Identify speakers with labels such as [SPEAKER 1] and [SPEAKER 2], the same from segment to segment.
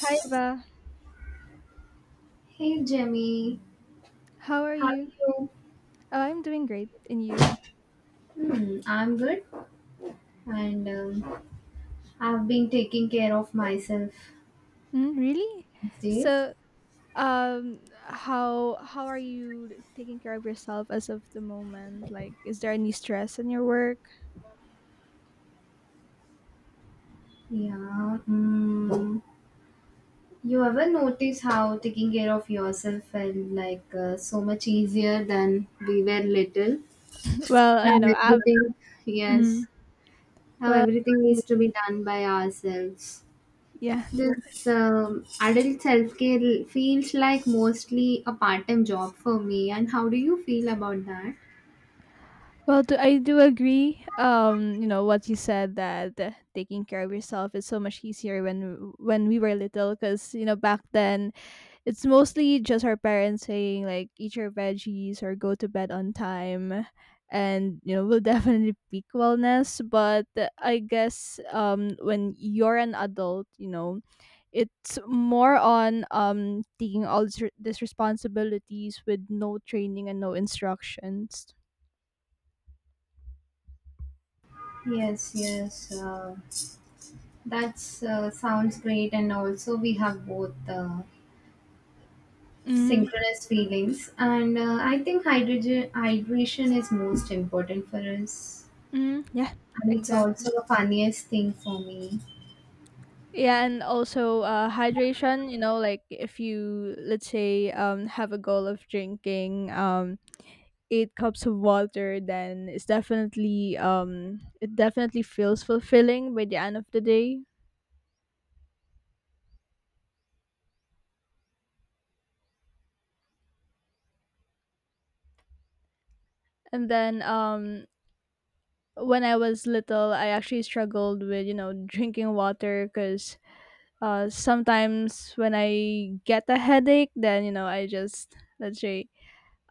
[SPEAKER 1] Hi, Ba.
[SPEAKER 2] Hey Jemmy,
[SPEAKER 1] How are
[SPEAKER 2] how are
[SPEAKER 1] you?
[SPEAKER 2] you?
[SPEAKER 1] Oh, I'm doing great. And you?
[SPEAKER 2] Hmm, I'm good, and I've been taking care of myself
[SPEAKER 1] Mm, really?
[SPEAKER 2] these days.
[SPEAKER 1] So, um, how are you taking care of yourself as of the moment? Like, is there any stress in your work?
[SPEAKER 2] Yeah. You ever notice how taking care of yourself felt like so much easier than we were little?
[SPEAKER 1] well,
[SPEAKER 2] Now
[SPEAKER 1] you know, I,
[SPEAKER 2] everything, yes,
[SPEAKER 1] mm,
[SPEAKER 2] now
[SPEAKER 1] well,
[SPEAKER 2] everything needs to be done by ourselves.
[SPEAKER 1] yeah.
[SPEAKER 2] This adult self care feels like mostly a part time job for me. And how do you feel about that?
[SPEAKER 1] Well, I do agree. You know what you said, that taking care of yourself is so much easier when we were little, because back then, it's mostly just our parents saying like eat your veggies or go to bed on time, and will definitely peak wellness. But I guess when you're an adult, it's more on taking all this these responsibilities with no training and no instructions.
[SPEAKER 2] Yes, yes. That's sounds great, and also we have both
[SPEAKER 1] Hmm.
[SPEAKER 2] synchronous feelings, and I think hydrogen hydration is most important for us,
[SPEAKER 1] Hmm. Yeah,
[SPEAKER 2] and it's
[SPEAKER 1] exactly.
[SPEAKER 2] also the funniest thing for me.
[SPEAKER 1] Yeah, and also hydration, like if you, let's say, have a goal of drinking 8 cups of water, then it's definitely feels fulfilling by the end of the day. And then when I was little, I actually struggled with drinking water, because sometimes when I get a headache, then I just, let's say,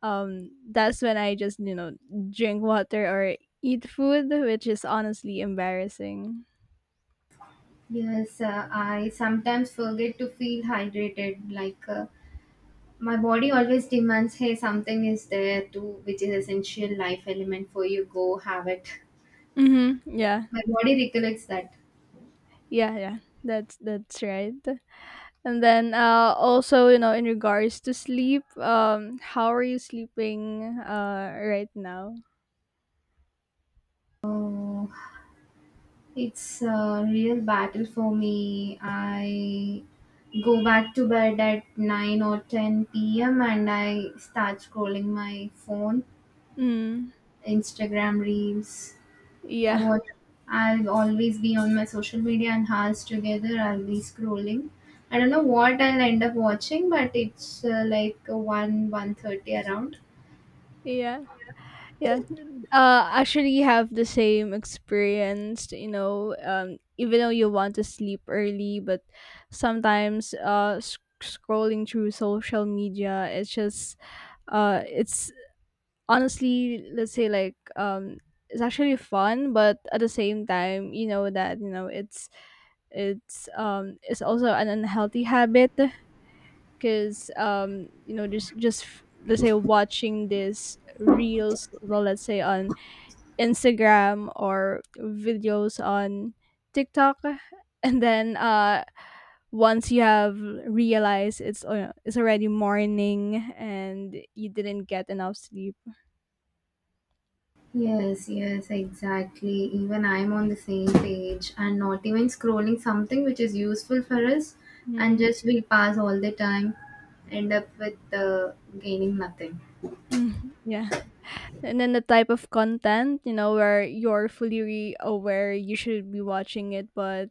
[SPEAKER 1] that's when I just drink water or eat food, which is honestly embarrassing.
[SPEAKER 2] Yes, I sometimes forget to feel hydrated. Like my body always demands, "Hey, something is there too, which is essential life element for you. Go have it."
[SPEAKER 1] Mm-hmm. Yeah.
[SPEAKER 2] My body recollects that.
[SPEAKER 1] Yeah. Yeah. That's right. And then, also, in regards to sleep, how are you sleeping right now?
[SPEAKER 2] Oh. It's a real battle for me. I go back to bed at 9 or 10 p.m. and I start scrolling my phone,
[SPEAKER 1] Mm,
[SPEAKER 2] Instagram reels. I
[SPEAKER 1] yeah,
[SPEAKER 2] want I'll always be on my social media and hours together. I'll be scrolling. I don't know what I'll end up watching, but it's like one one thirty around.
[SPEAKER 1] yeah, yeah. Actually, you have the same experience. Even though you want to sleep early, but sometimes scrolling through social media, it's honestly, let's say, like it's actually fun. But at the same time, you know that you know it's it's also an unhealthy habit, because just, let's say, watching these reels, well, let's say on Instagram, or videos on TikTok. And then once you have realized, it's already morning and you didn't get enough sleep.
[SPEAKER 2] Yes, yes, exactly. Even I'm on the same page and not even scrolling something which is useful for us, and just we pass all the time, end up with gaining nothing.
[SPEAKER 1] Mhm, yeah. And then the type of content, where you're fully aware you should be watching it, but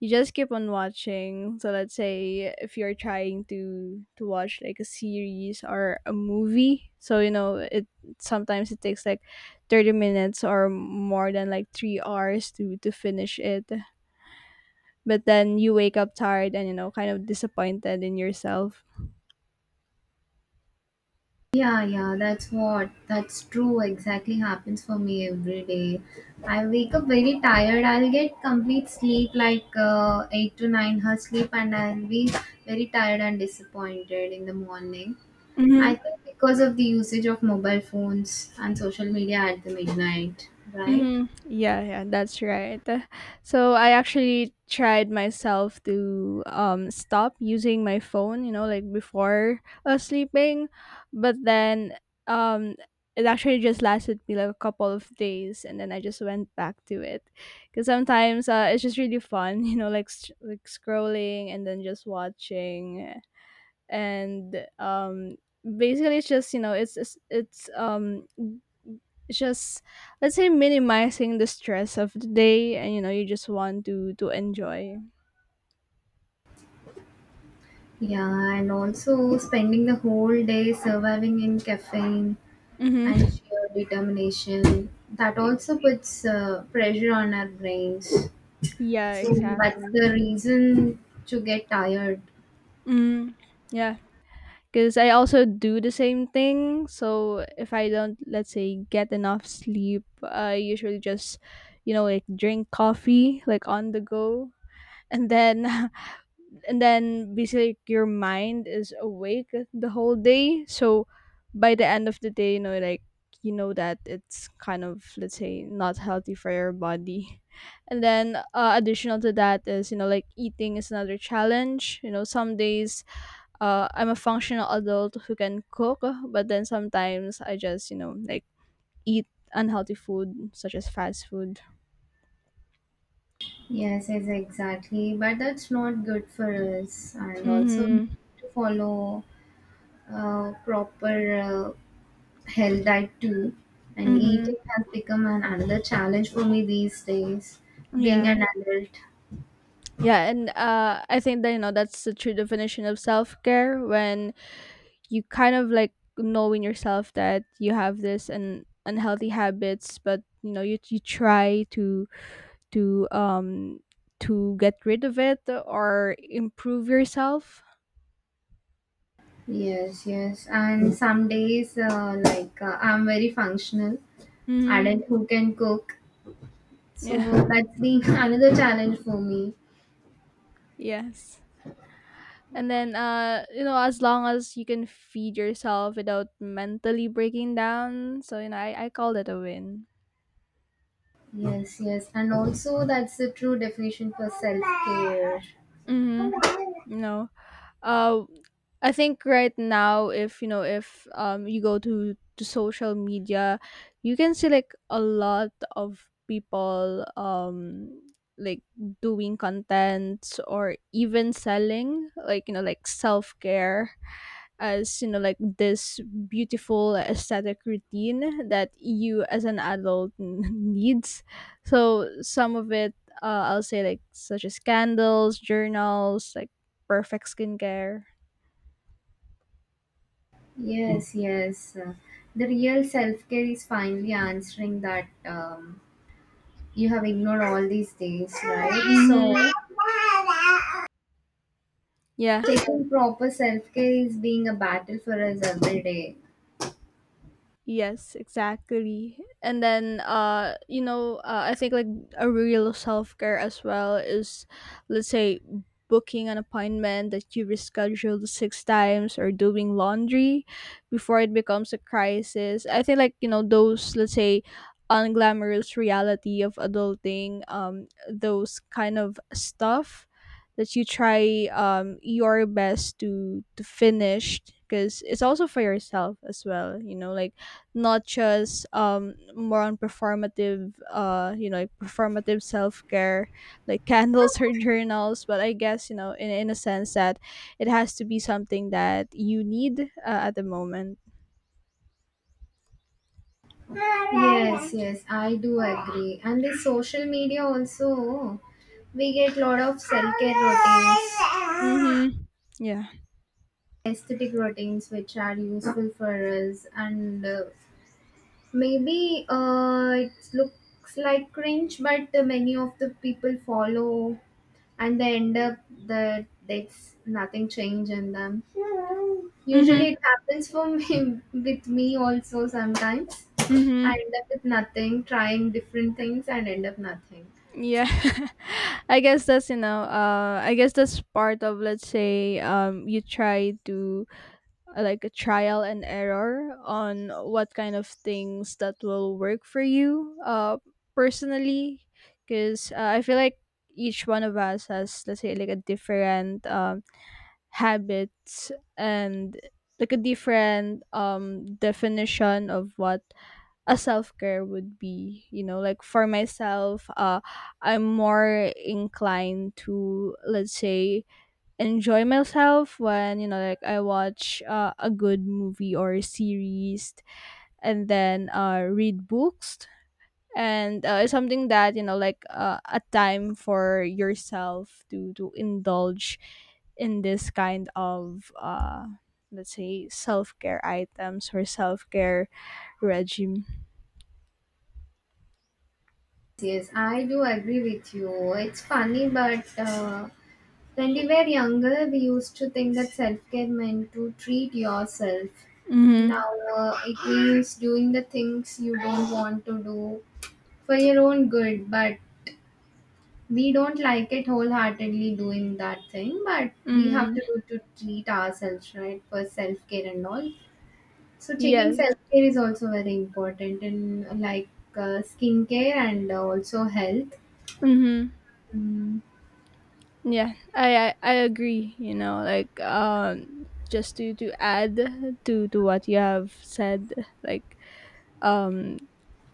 [SPEAKER 1] you just keep on watching. So let's say if you're trying to watch like a series or a movie, so it sometimes it takes like 30 minutes or more than like 3 hours to finish it. But then you wake up tired and, kind of disappointed in yourself.
[SPEAKER 2] Yeah, yeah, that's true. Exactly happens for me every day. I wake up very tired. I'll get complete sleep, like 8 to 9 hours sleep, and I'll be very tired and disappointed in the morning. I think because of the usage of mobile phones and social media at the midnight, right?
[SPEAKER 1] Hmm. Yeah, yeah, that's right. So I actually tried myself to stop using my phone, like before sleeping, but then um it actually just lasted me like a couple of days, and then I just went back to it, because sometimes it's just really fun, like like scrolling and then just watching. And basically it's just, it's just, let's say, minimizing the stress of the day, and you just want to enjoy.
[SPEAKER 2] Yeah, and also spending the whole day surviving in caffeine and
[SPEAKER 1] Mm-hmm.
[SPEAKER 2] sheer determination. That also puts pressure on our brains.
[SPEAKER 1] Yeah,
[SPEAKER 2] So that's
[SPEAKER 1] exactly.
[SPEAKER 2] the reason to get tired.
[SPEAKER 1] Mm, yeah, because I also do the same thing. So if I don't, let's say, get enough sleep, I usually just, like drink coffee like on the go. And then and then basically, like, your mind is awake the whole day. So by the end of the day, that it's kind of, let's say, not healthy for your body. And then, additional to that is, like eating is another challenge. Some days I'm a functional adult who can cook, but then sometimes I just, like eat unhealthy food such as fast food.
[SPEAKER 2] Yes, yes, exactly. But that's not good for us. And also, we
[SPEAKER 1] Mm-hmm.
[SPEAKER 2] need to follow proper uh, health too, and
[SPEAKER 1] Mm-hmm.
[SPEAKER 2] eating has become an another challenge for me these days, being
[SPEAKER 1] Yeah.
[SPEAKER 2] an adult.
[SPEAKER 1] Yeah, and I think that, that's the true definition of self care when you kind of, like, knowing yourself that you have this and unhealthy habits, but you try to to um get rid of it or improve yourself.
[SPEAKER 2] Yes, yes, and some days like I'm very functional
[SPEAKER 1] Mm-hmm.
[SPEAKER 2] adult who can cook, so
[SPEAKER 1] Yeah.
[SPEAKER 2] that's the another challenge for me.
[SPEAKER 1] Yes. And then as long as you can feed yourself without mentally breaking down, so I call it a win.
[SPEAKER 2] Yes, yes, and also that's the true definition for self-care.
[SPEAKER 1] Mm-hmm. No. uh, I think right now, if you go to social media, you can see like a lot of people like doing contents, or even selling like, like self care as, like this beautiful aesthetic routine that you as an adult needs. So some of it, I'll say like such as candles, journals, like perfect skincare.
[SPEAKER 2] Yes, yes, the real self-care is finally answering that, you have ignored all these days, right? So
[SPEAKER 1] Mm-hmm. Yeah.
[SPEAKER 2] taking proper self care is being a battle for us every day.
[SPEAKER 1] Yes, exactly. And then I think, like, a real self-care as well is, let's say, booking an appointment that you rescheduled six times, or doing laundry before it becomes a crisis. I think, like, those, let's say, unglamorous reality of adulting, those kind of stuff that you try your best to finish, because it's also for yourself as well, like not just more on performative, like performative self-care, like candles or journals. But I guess, in a sense that it has to be something that you need at the moment.
[SPEAKER 2] Yes, yes, I do agree. And the social media also, we get lot of self care routines,
[SPEAKER 1] Mm-hmm. Yeah.
[SPEAKER 2] aesthetic routines, which are useful for us. And maybe it looks like cringe, but many of the people follow and they end up that's nothing change in them. Usually
[SPEAKER 1] Mm-hmm.
[SPEAKER 2] it happens for me with me also sometimes. I
[SPEAKER 1] Mm-hmm.
[SPEAKER 2] end up with nothing, trying different things and end up nothing.
[SPEAKER 1] Yeah. I guess that's part of, let's say, you try to like a trial and error on what kind of things that will work for you personally. Because I feel like each one of us has, let's say, like a different habits, and like a different definition of what a self-care would be. Like for myself, I'm more inclined to, let's say, enjoy myself when, like I watch a good movie or a series, and then read books. And it's something that, like a time for yourself to indulge in this kind of let's say, self-care items or self-care regime.
[SPEAKER 2] Yes, I do agree with you. It's funny, but when we were younger, we used to think that self care meant to treat yourself.
[SPEAKER 1] Mm-hmm.
[SPEAKER 2] Now it means doing the things you don't want to do for your own good, but we don't like it wholeheartedly doing that thing, but we have
[SPEAKER 1] Mm-hmm.
[SPEAKER 2] to do to treat ourselves right for self care and all. So taking
[SPEAKER 1] Yes.
[SPEAKER 2] self care is also very important in like skincare and also health.
[SPEAKER 1] Mm-hmm.
[SPEAKER 2] Mm,
[SPEAKER 1] Yeah, I agree. Like just to add to what you have said, like um,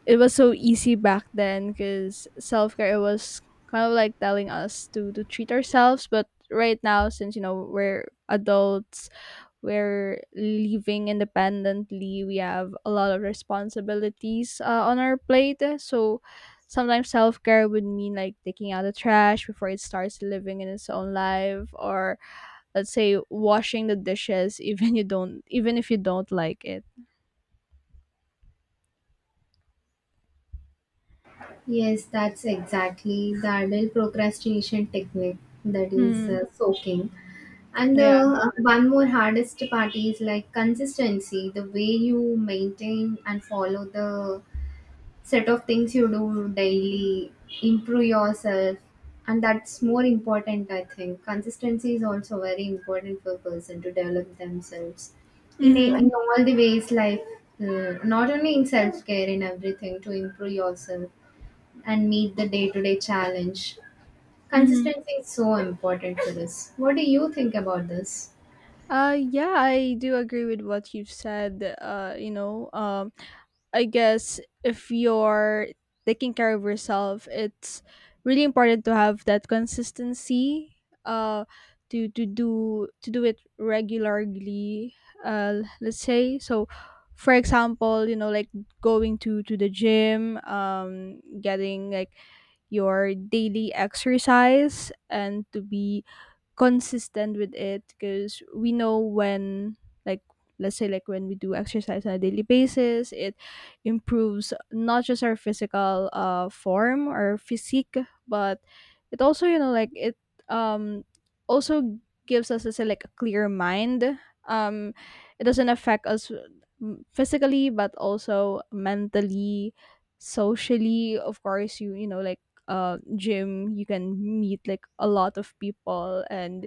[SPEAKER 1] it was so easy back then because self care was kind of like telling us to treat ourselves. But right now, since we're adults, we're living independently, we have a lot of responsibilities on our plate. So sometimes self-care would mean like taking out the trash before it starts living in its own life, or, let's say, washing the dishes. Even if you don't like it.
[SPEAKER 2] yes, that's exactly the adult procrastination technique that is
[SPEAKER 1] Mm,
[SPEAKER 2] soaking. And the
[SPEAKER 1] yeah.
[SPEAKER 2] one more hardest part is like consistency, the way you maintain and follow the set of things you do daily, improve yourself, and that's more important, I think. Consistency is also very important for a person to develop themselves in, a,
[SPEAKER 1] Mm-hmm.
[SPEAKER 2] in all the ways, like not only in self care, in everything, to improve yourself and meet the day to day challenge.
[SPEAKER 1] Mm-hmm.
[SPEAKER 2] Consistency is so important for this. What do you think about this?
[SPEAKER 1] Yeah, I do agree with what you've said. I guess if you're taking care of yourself, it's really important to have that consistency. Uh, to do it regularly. Let's say so. For example, like going to the gym, getting like your daily exercise, and to be consistent with it, because we know when, like, let's say, like when we do exercise on a daily basis, it improves not just our physical form or physique, but it also, like it um also gives us, let's say, like a clear mind. um it doesn't affect us, mm, physically but also mentally, socially. Of course, you know like gym, you can meet like a lot of people, and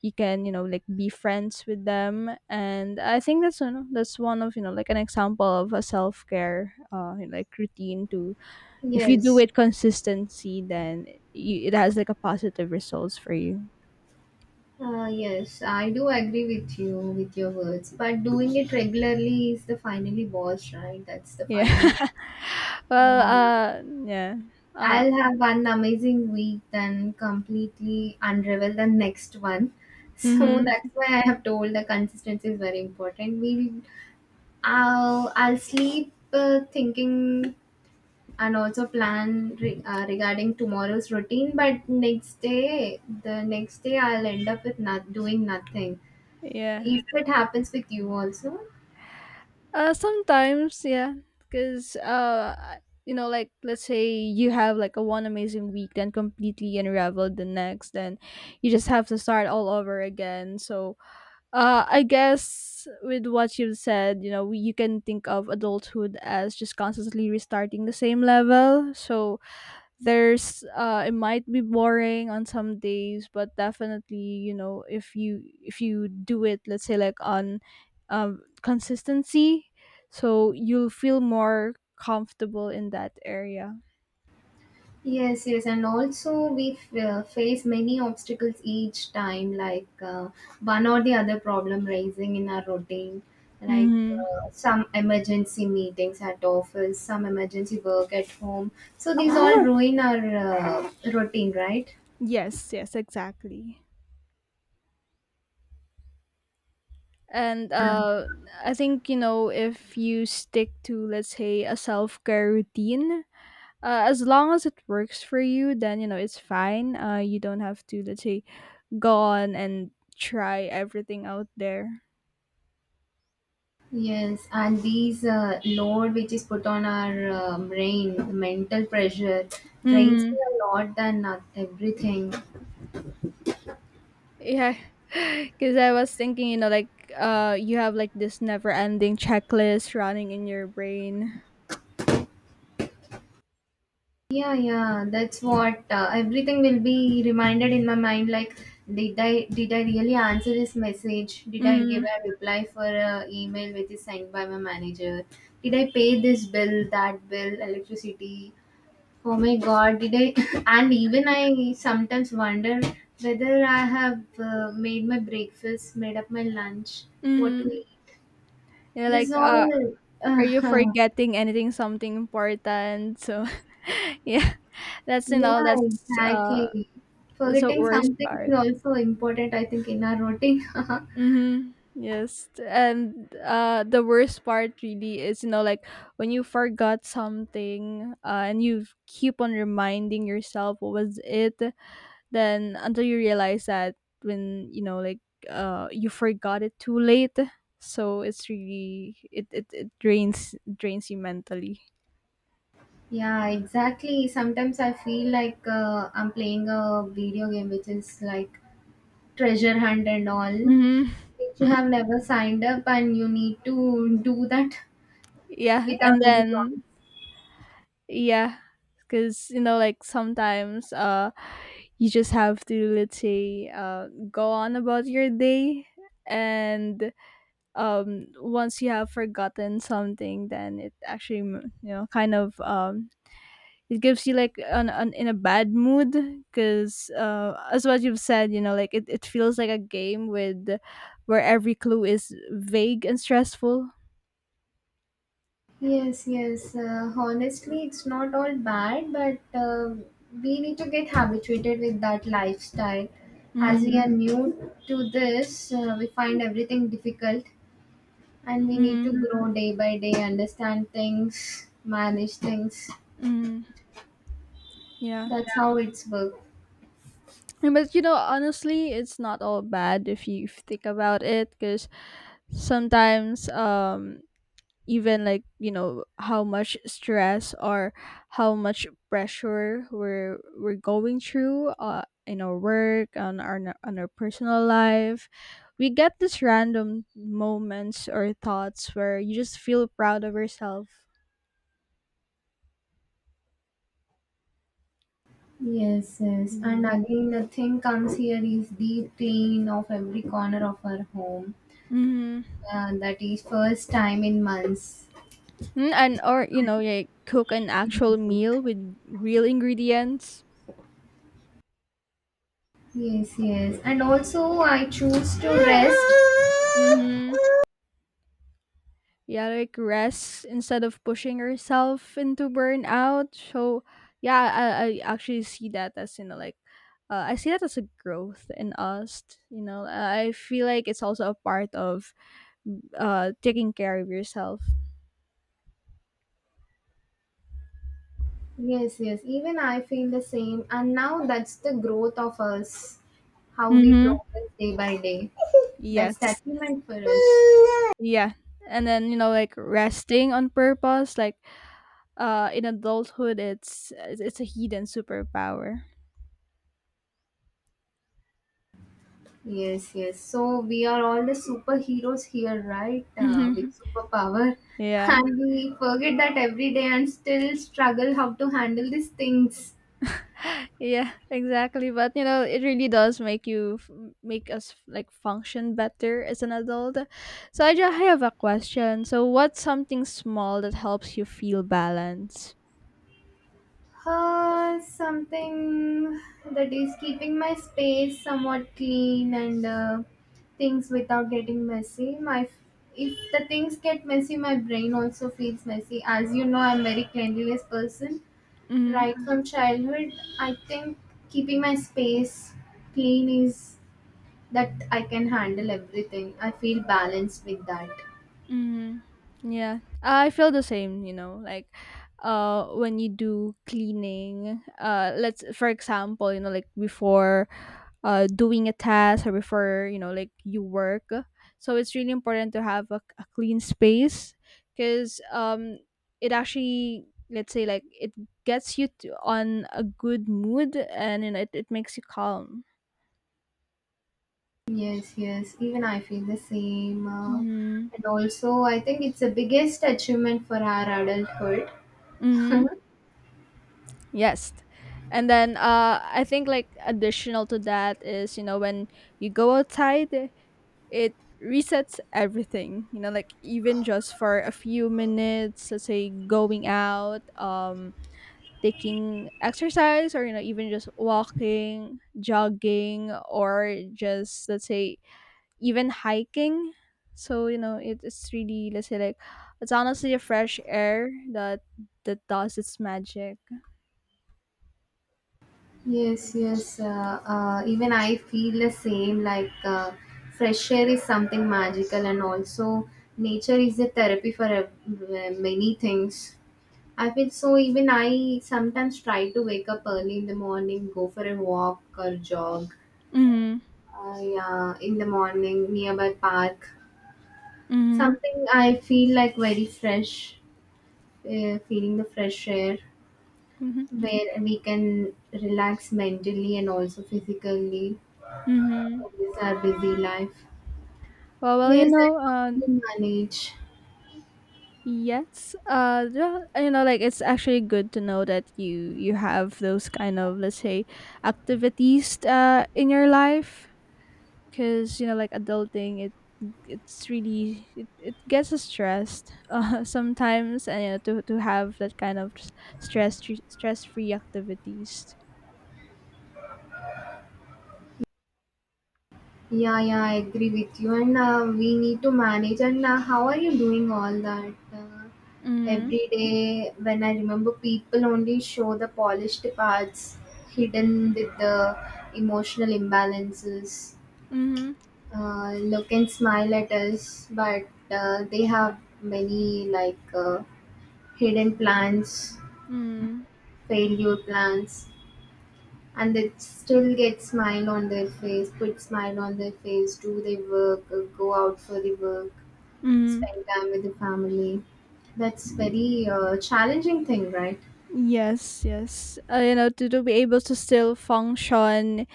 [SPEAKER 1] you can, like be friends with them. And I think that's that's one of, like, an example of a self-care like routine to, if you do
[SPEAKER 2] Yes.
[SPEAKER 1] it consistency, then it has like a positive results for you.
[SPEAKER 2] Yes, I do agree with you with your words, but doing it regularly is the finally boss, right? That's the
[SPEAKER 1] Yeah.
[SPEAKER 2] final.
[SPEAKER 1] Well,
[SPEAKER 2] Uh,
[SPEAKER 1] yeah. uh
[SPEAKER 2] I'll have one amazing week, then completely unravel the next one. So that's
[SPEAKER 1] mm-hmm.
[SPEAKER 2] why I have told the consistency is very important. I'll sleep thinking and also plan regarding tomorrow's routine, but the next day, I'll end up with not doing nothing.
[SPEAKER 1] Yeah.
[SPEAKER 2] If it happens with you also.
[SPEAKER 1] Sometimes, yeah, because like, let's say you have like a one amazing week, then completely unraveled the next, then you just have to start all over again. So, I guess with what you've said, you can think of adulthood as just constantly restarting the same level. So, there's it might be boring on some days, but definitely, if you do it, let's say, like on, consistency. So you'll feel more comfortable in that area.
[SPEAKER 2] Yes, yes, and also we face many obstacles each time, like one or the other problem rising in our routine, like
[SPEAKER 1] Mm-hmm.
[SPEAKER 2] some emergency meetings at office, some emergency work at home. So these all ruin our routine, right?
[SPEAKER 1] Yes, yes, exactly. And I think, if you stick to, let's say, a self care routine, as long as it works for you, then, it's fine. You don't have to, let's say, go on and try everything out there.
[SPEAKER 2] Yes, and these load which is put on our brain, the mental pressure drains me a lot than not everything.
[SPEAKER 1] Yeah, because I was thinking, like you have like this never-ending checklist running in your brain.
[SPEAKER 2] Yeah, yeah, that's what everything will be reminded in my mind, like did I really answer his message? Did I give
[SPEAKER 1] Mm,
[SPEAKER 2] a reply for a email which is sent by my manager? Did I pay this bill, that bill, electricity? Oh my god, did I and even I sometimes wonder whether I have made my breakfast, made up my lunch, what to
[SPEAKER 1] mm.
[SPEAKER 2] eat.
[SPEAKER 1] You're
[SPEAKER 2] This
[SPEAKER 1] like,
[SPEAKER 2] all
[SPEAKER 1] are you forgetting anything, something important? So, yeah, that's you know,
[SPEAKER 2] Yeah,
[SPEAKER 1] that's uh,
[SPEAKER 2] exactly.
[SPEAKER 1] that's the
[SPEAKER 2] Forgetting
[SPEAKER 1] worst
[SPEAKER 2] something
[SPEAKER 1] part.
[SPEAKER 2] is also important, I think, in our routine.
[SPEAKER 1] Mm-hmm. Yes, and the worst part really is like when you forgot something, and you keep on reminding yourself what was it, then until you realize that when you forgot it too late, so it's really it drains you mentally.
[SPEAKER 2] Yeah, exactly. Sometimes I feel like I'm playing a video game which is like treasure hunt and all,
[SPEAKER 1] Hmm.
[SPEAKER 2] which you have never signed up and you need to do that
[SPEAKER 1] Yeah,
[SPEAKER 2] without
[SPEAKER 1] and
[SPEAKER 2] any problem.
[SPEAKER 1] then yeah, because like sometimes you just have to, let's say, go on about your day, and once you have forgotten something, then it actually kind of it gives you like an in a bad mood because as what you've said, you know, like it feels like a game with where every clue is vague and stressful.
[SPEAKER 2] Yes, yes. Honestly, it's not all bad, but we need to get habituated with that lifestyle. As we
[SPEAKER 1] Mm-hmm.
[SPEAKER 2] are new to this, we find everything difficult and we need
[SPEAKER 1] Mm-hmm.
[SPEAKER 2] to grow day by day, understand things, manage things.
[SPEAKER 1] Mm-hmm. Yeah.
[SPEAKER 2] That's how it's work.
[SPEAKER 1] And But you know, honestly, it's not all bad if you think about it, because sometimes even like you know how much stress or how much pressure we're going through, in our work, on our personal life, we get these random moments or thoughts where you just feel proud of yourself.
[SPEAKER 2] Yes, yes. And
[SPEAKER 1] Mm-hmm.
[SPEAKER 2] again, nothing comes here is deep clean of every corner of our home.
[SPEAKER 1] Mm-hmm.
[SPEAKER 2] That is first time in months.
[SPEAKER 1] And or you know, like cook an actual meal with real ingredients.
[SPEAKER 2] Yes, yes. And also, I choose to rest.
[SPEAKER 1] Mm-hmm. Yeah, like rest instead of pushing herself into burnout. So yeah, I actually see that as you know like I see that as a growth in us. You know, I feel like it's also a part of taking care of yourself.
[SPEAKER 2] Yes, yes. Even I feel the same. And now that's the growth of us, how we
[SPEAKER 1] Mm-hmm.
[SPEAKER 2] progress day by day. That's the
[SPEAKER 1] Yes.
[SPEAKER 2] achievement for us.
[SPEAKER 1] Yeah, and then you know, like resting on purpose, like in adulthood, it's a hidden superpower.
[SPEAKER 2] Yes, yes. So we are all the superheroes here, right? With
[SPEAKER 1] Mm-hmm.
[SPEAKER 2] superpower.
[SPEAKER 1] Yeah.
[SPEAKER 2] And we forget that every day and still struggle how to handle these things.
[SPEAKER 1] Yeah, exactly. But you know, it really does make make us like function better as an adult. So I have a question. So what's something small that helps you feel balance?
[SPEAKER 2] Something that is keeping my space somewhat clean and things without getting messy. My If the things get messy, my brain also feels messy. As you know, I'm very cleanliness person.
[SPEAKER 1] Mhm.
[SPEAKER 2] Right from childhood, I think keeping my space clean is that I can handle everything. I feel balanced with that.
[SPEAKER 1] Mhm. Yeah. I feel the same, you know, like when you do cleaning, uh, let's, for example, you know, like before doing a task or before you know like you work, so it's really important to have a clean space because it actually, let's say, like it gets you to, on a good mood, and you know, it makes you calm.
[SPEAKER 2] Yes, yes. Even I feel the same.
[SPEAKER 1] Mm-hmm.
[SPEAKER 2] And also, I think it's the biggest achievement for our adulthood.
[SPEAKER 1] Mm-hmm. Yes. And then I think, like additional to that is, you know, when you go outside, it resets everything. You know, like even just for a few minutes, let's say going out, taking exercise, or you know, even just walking, jogging, or just, let's say, even hiking. So you know, it's really, let's say, like it's honestly a fresh air that that does its magic.
[SPEAKER 2] Yes, yes. Even I feel the same. Like fresh air is something magical, and also nature is a therapy for many things. I feel so. Even I sometimes try to wake up early in the morning, go for a walk or jog.
[SPEAKER 1] Mm-hmm.
[SPEAKER 2] I Yeah, in the morning nearby park.
[SPEAKER 1] Mm-hmm.
[SPEAKER 2] Something I feel like very fresh. Feeling the fresh air.
[SPEAKER 1] Mm-hmm.
[SPEAKER 2] Mhm. Where we can relax mentally and also physically
[SPEAKER 1] Mm-hmm.
[SPEAKER 2] with our busy life.
[SPEAKER 1] Well, you
[SPEAKER 2] Yes, and
[SPEAKER 1] know,
[SPEAKER 2] how can we manage?
[SPEAKER 1] Yes, yeah, you know, like it's actually good to know that you have those kind of, let's say, activities in your life, because you know like adulting it, it's really, it gets us stressed sometimes, and you know, to have that kind of stress stress free activities.
[SPEAKER 2] Yeah, yeah, I agree with you. And we need to manage. And how are you doing all that? Uh,
[SPEAKER 1] Mm-hmm.
[SPEAKER 2] every day, when I remember, people only show the polished parts hidden with the emotional imbalances.
[SPEAKER 1] Mm-hmm.
[SPEAKER 2] Look and smile at us, but they have many like hidden plans,
[SPEAKER 1] Mm-hmm.
[SPEAKER 2] failure plans, and they still get smile on their face, put smile on their face, do their work, go out for the work,
[SPEAKER 1] Mm.
[SPEAKER 2] spend time with the family. That's very challenging thing, right?
[SPEAKER 1] Yes, yes. You know, to be able to still function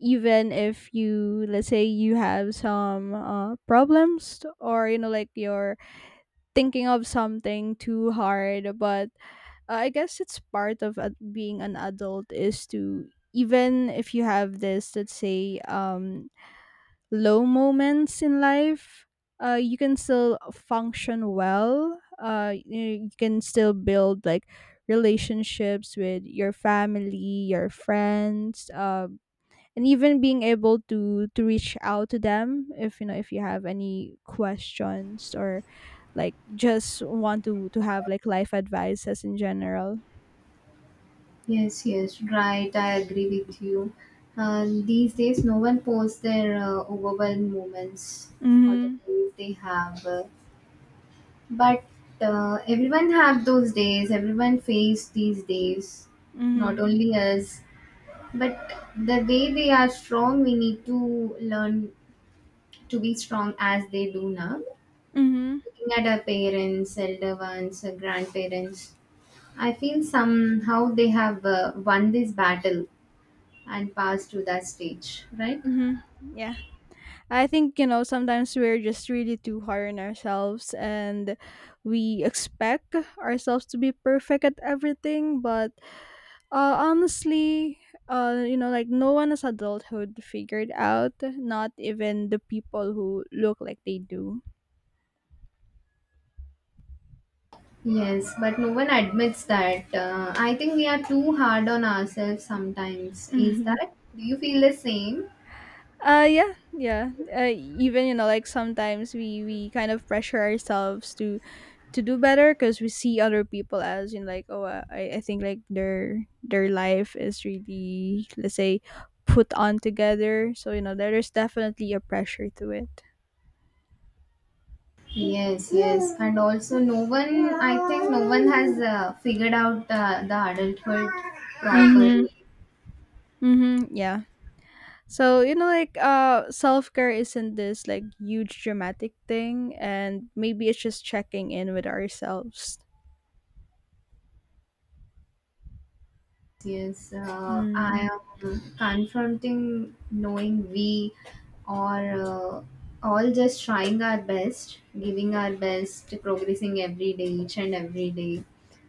[SPEAKER 1] even if you, let's say, you have some problems, or you know, like you're thinking of something too hard, but I guess it's part of being an adult is to, even if you have this, let's say, low moments in life, you can still function well. You, you can still build like relationships with your family, your friends, and even being able to reach out to them, if you know, if you have any questions, or like just want to have like life advices in general.
[SPEAKER 2] Yes, yes, right. I agree with you. These days, no one posts their overwhelmed moments or the
[SPEAKER 1] Mhm.
[SPEAKER 2] days they have. But everyone have those days. Everyone face these days, not
[SPEAKER 1] Mhm.
[SPEAKER 2] only us. But the way they are strong, we need to learn to be strong as they do now.
[SPEAKER 1] Mhm.
[SPEAKER 2] Looking at our parents, elder ones, our grandparents, I feel somehow they have won this battle and passed to that stage, right?
[SPEAKER 1] Mhm. Yeah. I think, you know, sometimes we're just really too hard on ourselves, and we expect ourselves to be perfect at everything, but honestly, you know, like no one has adulthood figured out, not even the people who look like they do.
[SPEAKER 2] Yes, but no one admits that. I think we are too hard on ourselves sometimes. Is
[SPEAKER 1] Mhm.
[SPEAKER 2] that? Do you feel the same?
[SPEAKER 1] Yeah, yeah. Even you know like sometimes we kind of pressure ourselves to do better because we see other people as in like, oh I think like their life is really, let's say, put on together, so you know there is definitely a pressure to it.
[SPEAKER 2] Yes, yes, and also no one. I think no one has figured out the adulthood
[SPEAKER 1] Mm-hmm.
[SPEAKER 2] properly.
[SPEAKER 1] Mm-hmm. Yeah. So you know, like self-care isn't this like huge dramatic thing, and maybe it's just checking in with ourselves.
[SPEAKER 2] Yes,
[SPEAKER 1] Mm.
[SPEAKER 2] I am confronting knowing we are all just trying our best, giving our best, progressing every day, each and every day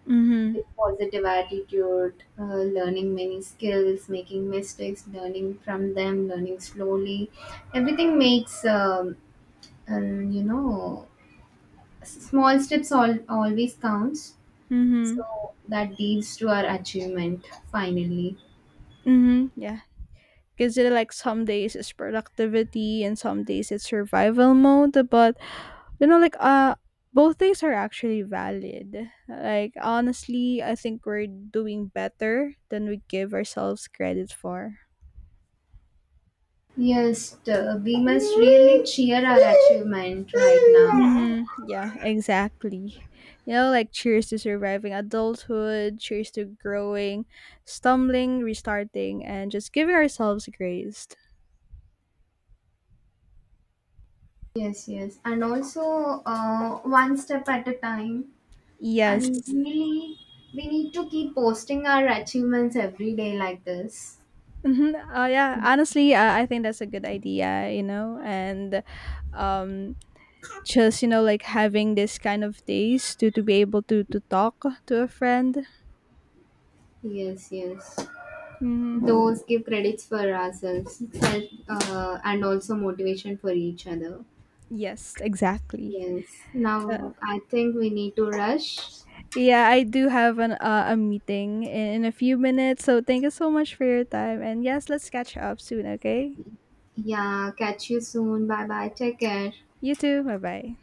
[SPEAKER 1] Mm-hmm.
[SPEAKER 2] with positive attitude, learning many skills, making mistakes, learning from them, learning slowly. Everything makes. And you know, small steps always counts,
[SPEAKER 1] Mm-hmm.
[SPEAKER 2] so that leads to our achievement finally.
[SPEAKER 1] Mm-hmm. Yeah, because you know, like some days it's productivity, and some days it's survival mode, but you know, like both things are actually valid. Like honestly, I think we're doing better than we give ourselves credit for.
[SPEAKER 2] Yes, we must really cheer our achievement right now.
[SPEAKER 1] Hmm. Yeah, exactly. You know, like cheers to surviving adulthood, cheers to growing, stumbling, restarting, and just giving ourselves grace.
[SPEAKER 2] Yes, yes, and also one step at a time, and
[SPEAKER 1] Yes.
[SPEAKER 2] really we need to keep posting our achievements every day like this.
[SPEAKER 1] Mm-hmm. Yeah, honestly, I think that's a good idea, you know, and um, just you know, like having this kind of days to be able to talk to a friend.
[SPEAKER 2] Yes, yes,
[SPEAKER 1] Hmm.
[SPEAKER 2] those give credits for ourselves and also motivation for each other.
[SPEAKER 1] Yes, exactly.
[SPEAKER 2] Yes.
[SPEAKER 1] Uh,
[SPEAKER 2] Now I think we need to rush.
[SPEAKER 1] yeah, I do have an a meeting in a few minutes, so thank you so much for your time, and yes, let's catch up soon, okay.
[SPEAKER 2] Yeah. Catch you soon. Bye bye. Take care.
[SPEAKER 1] You too, bye bye.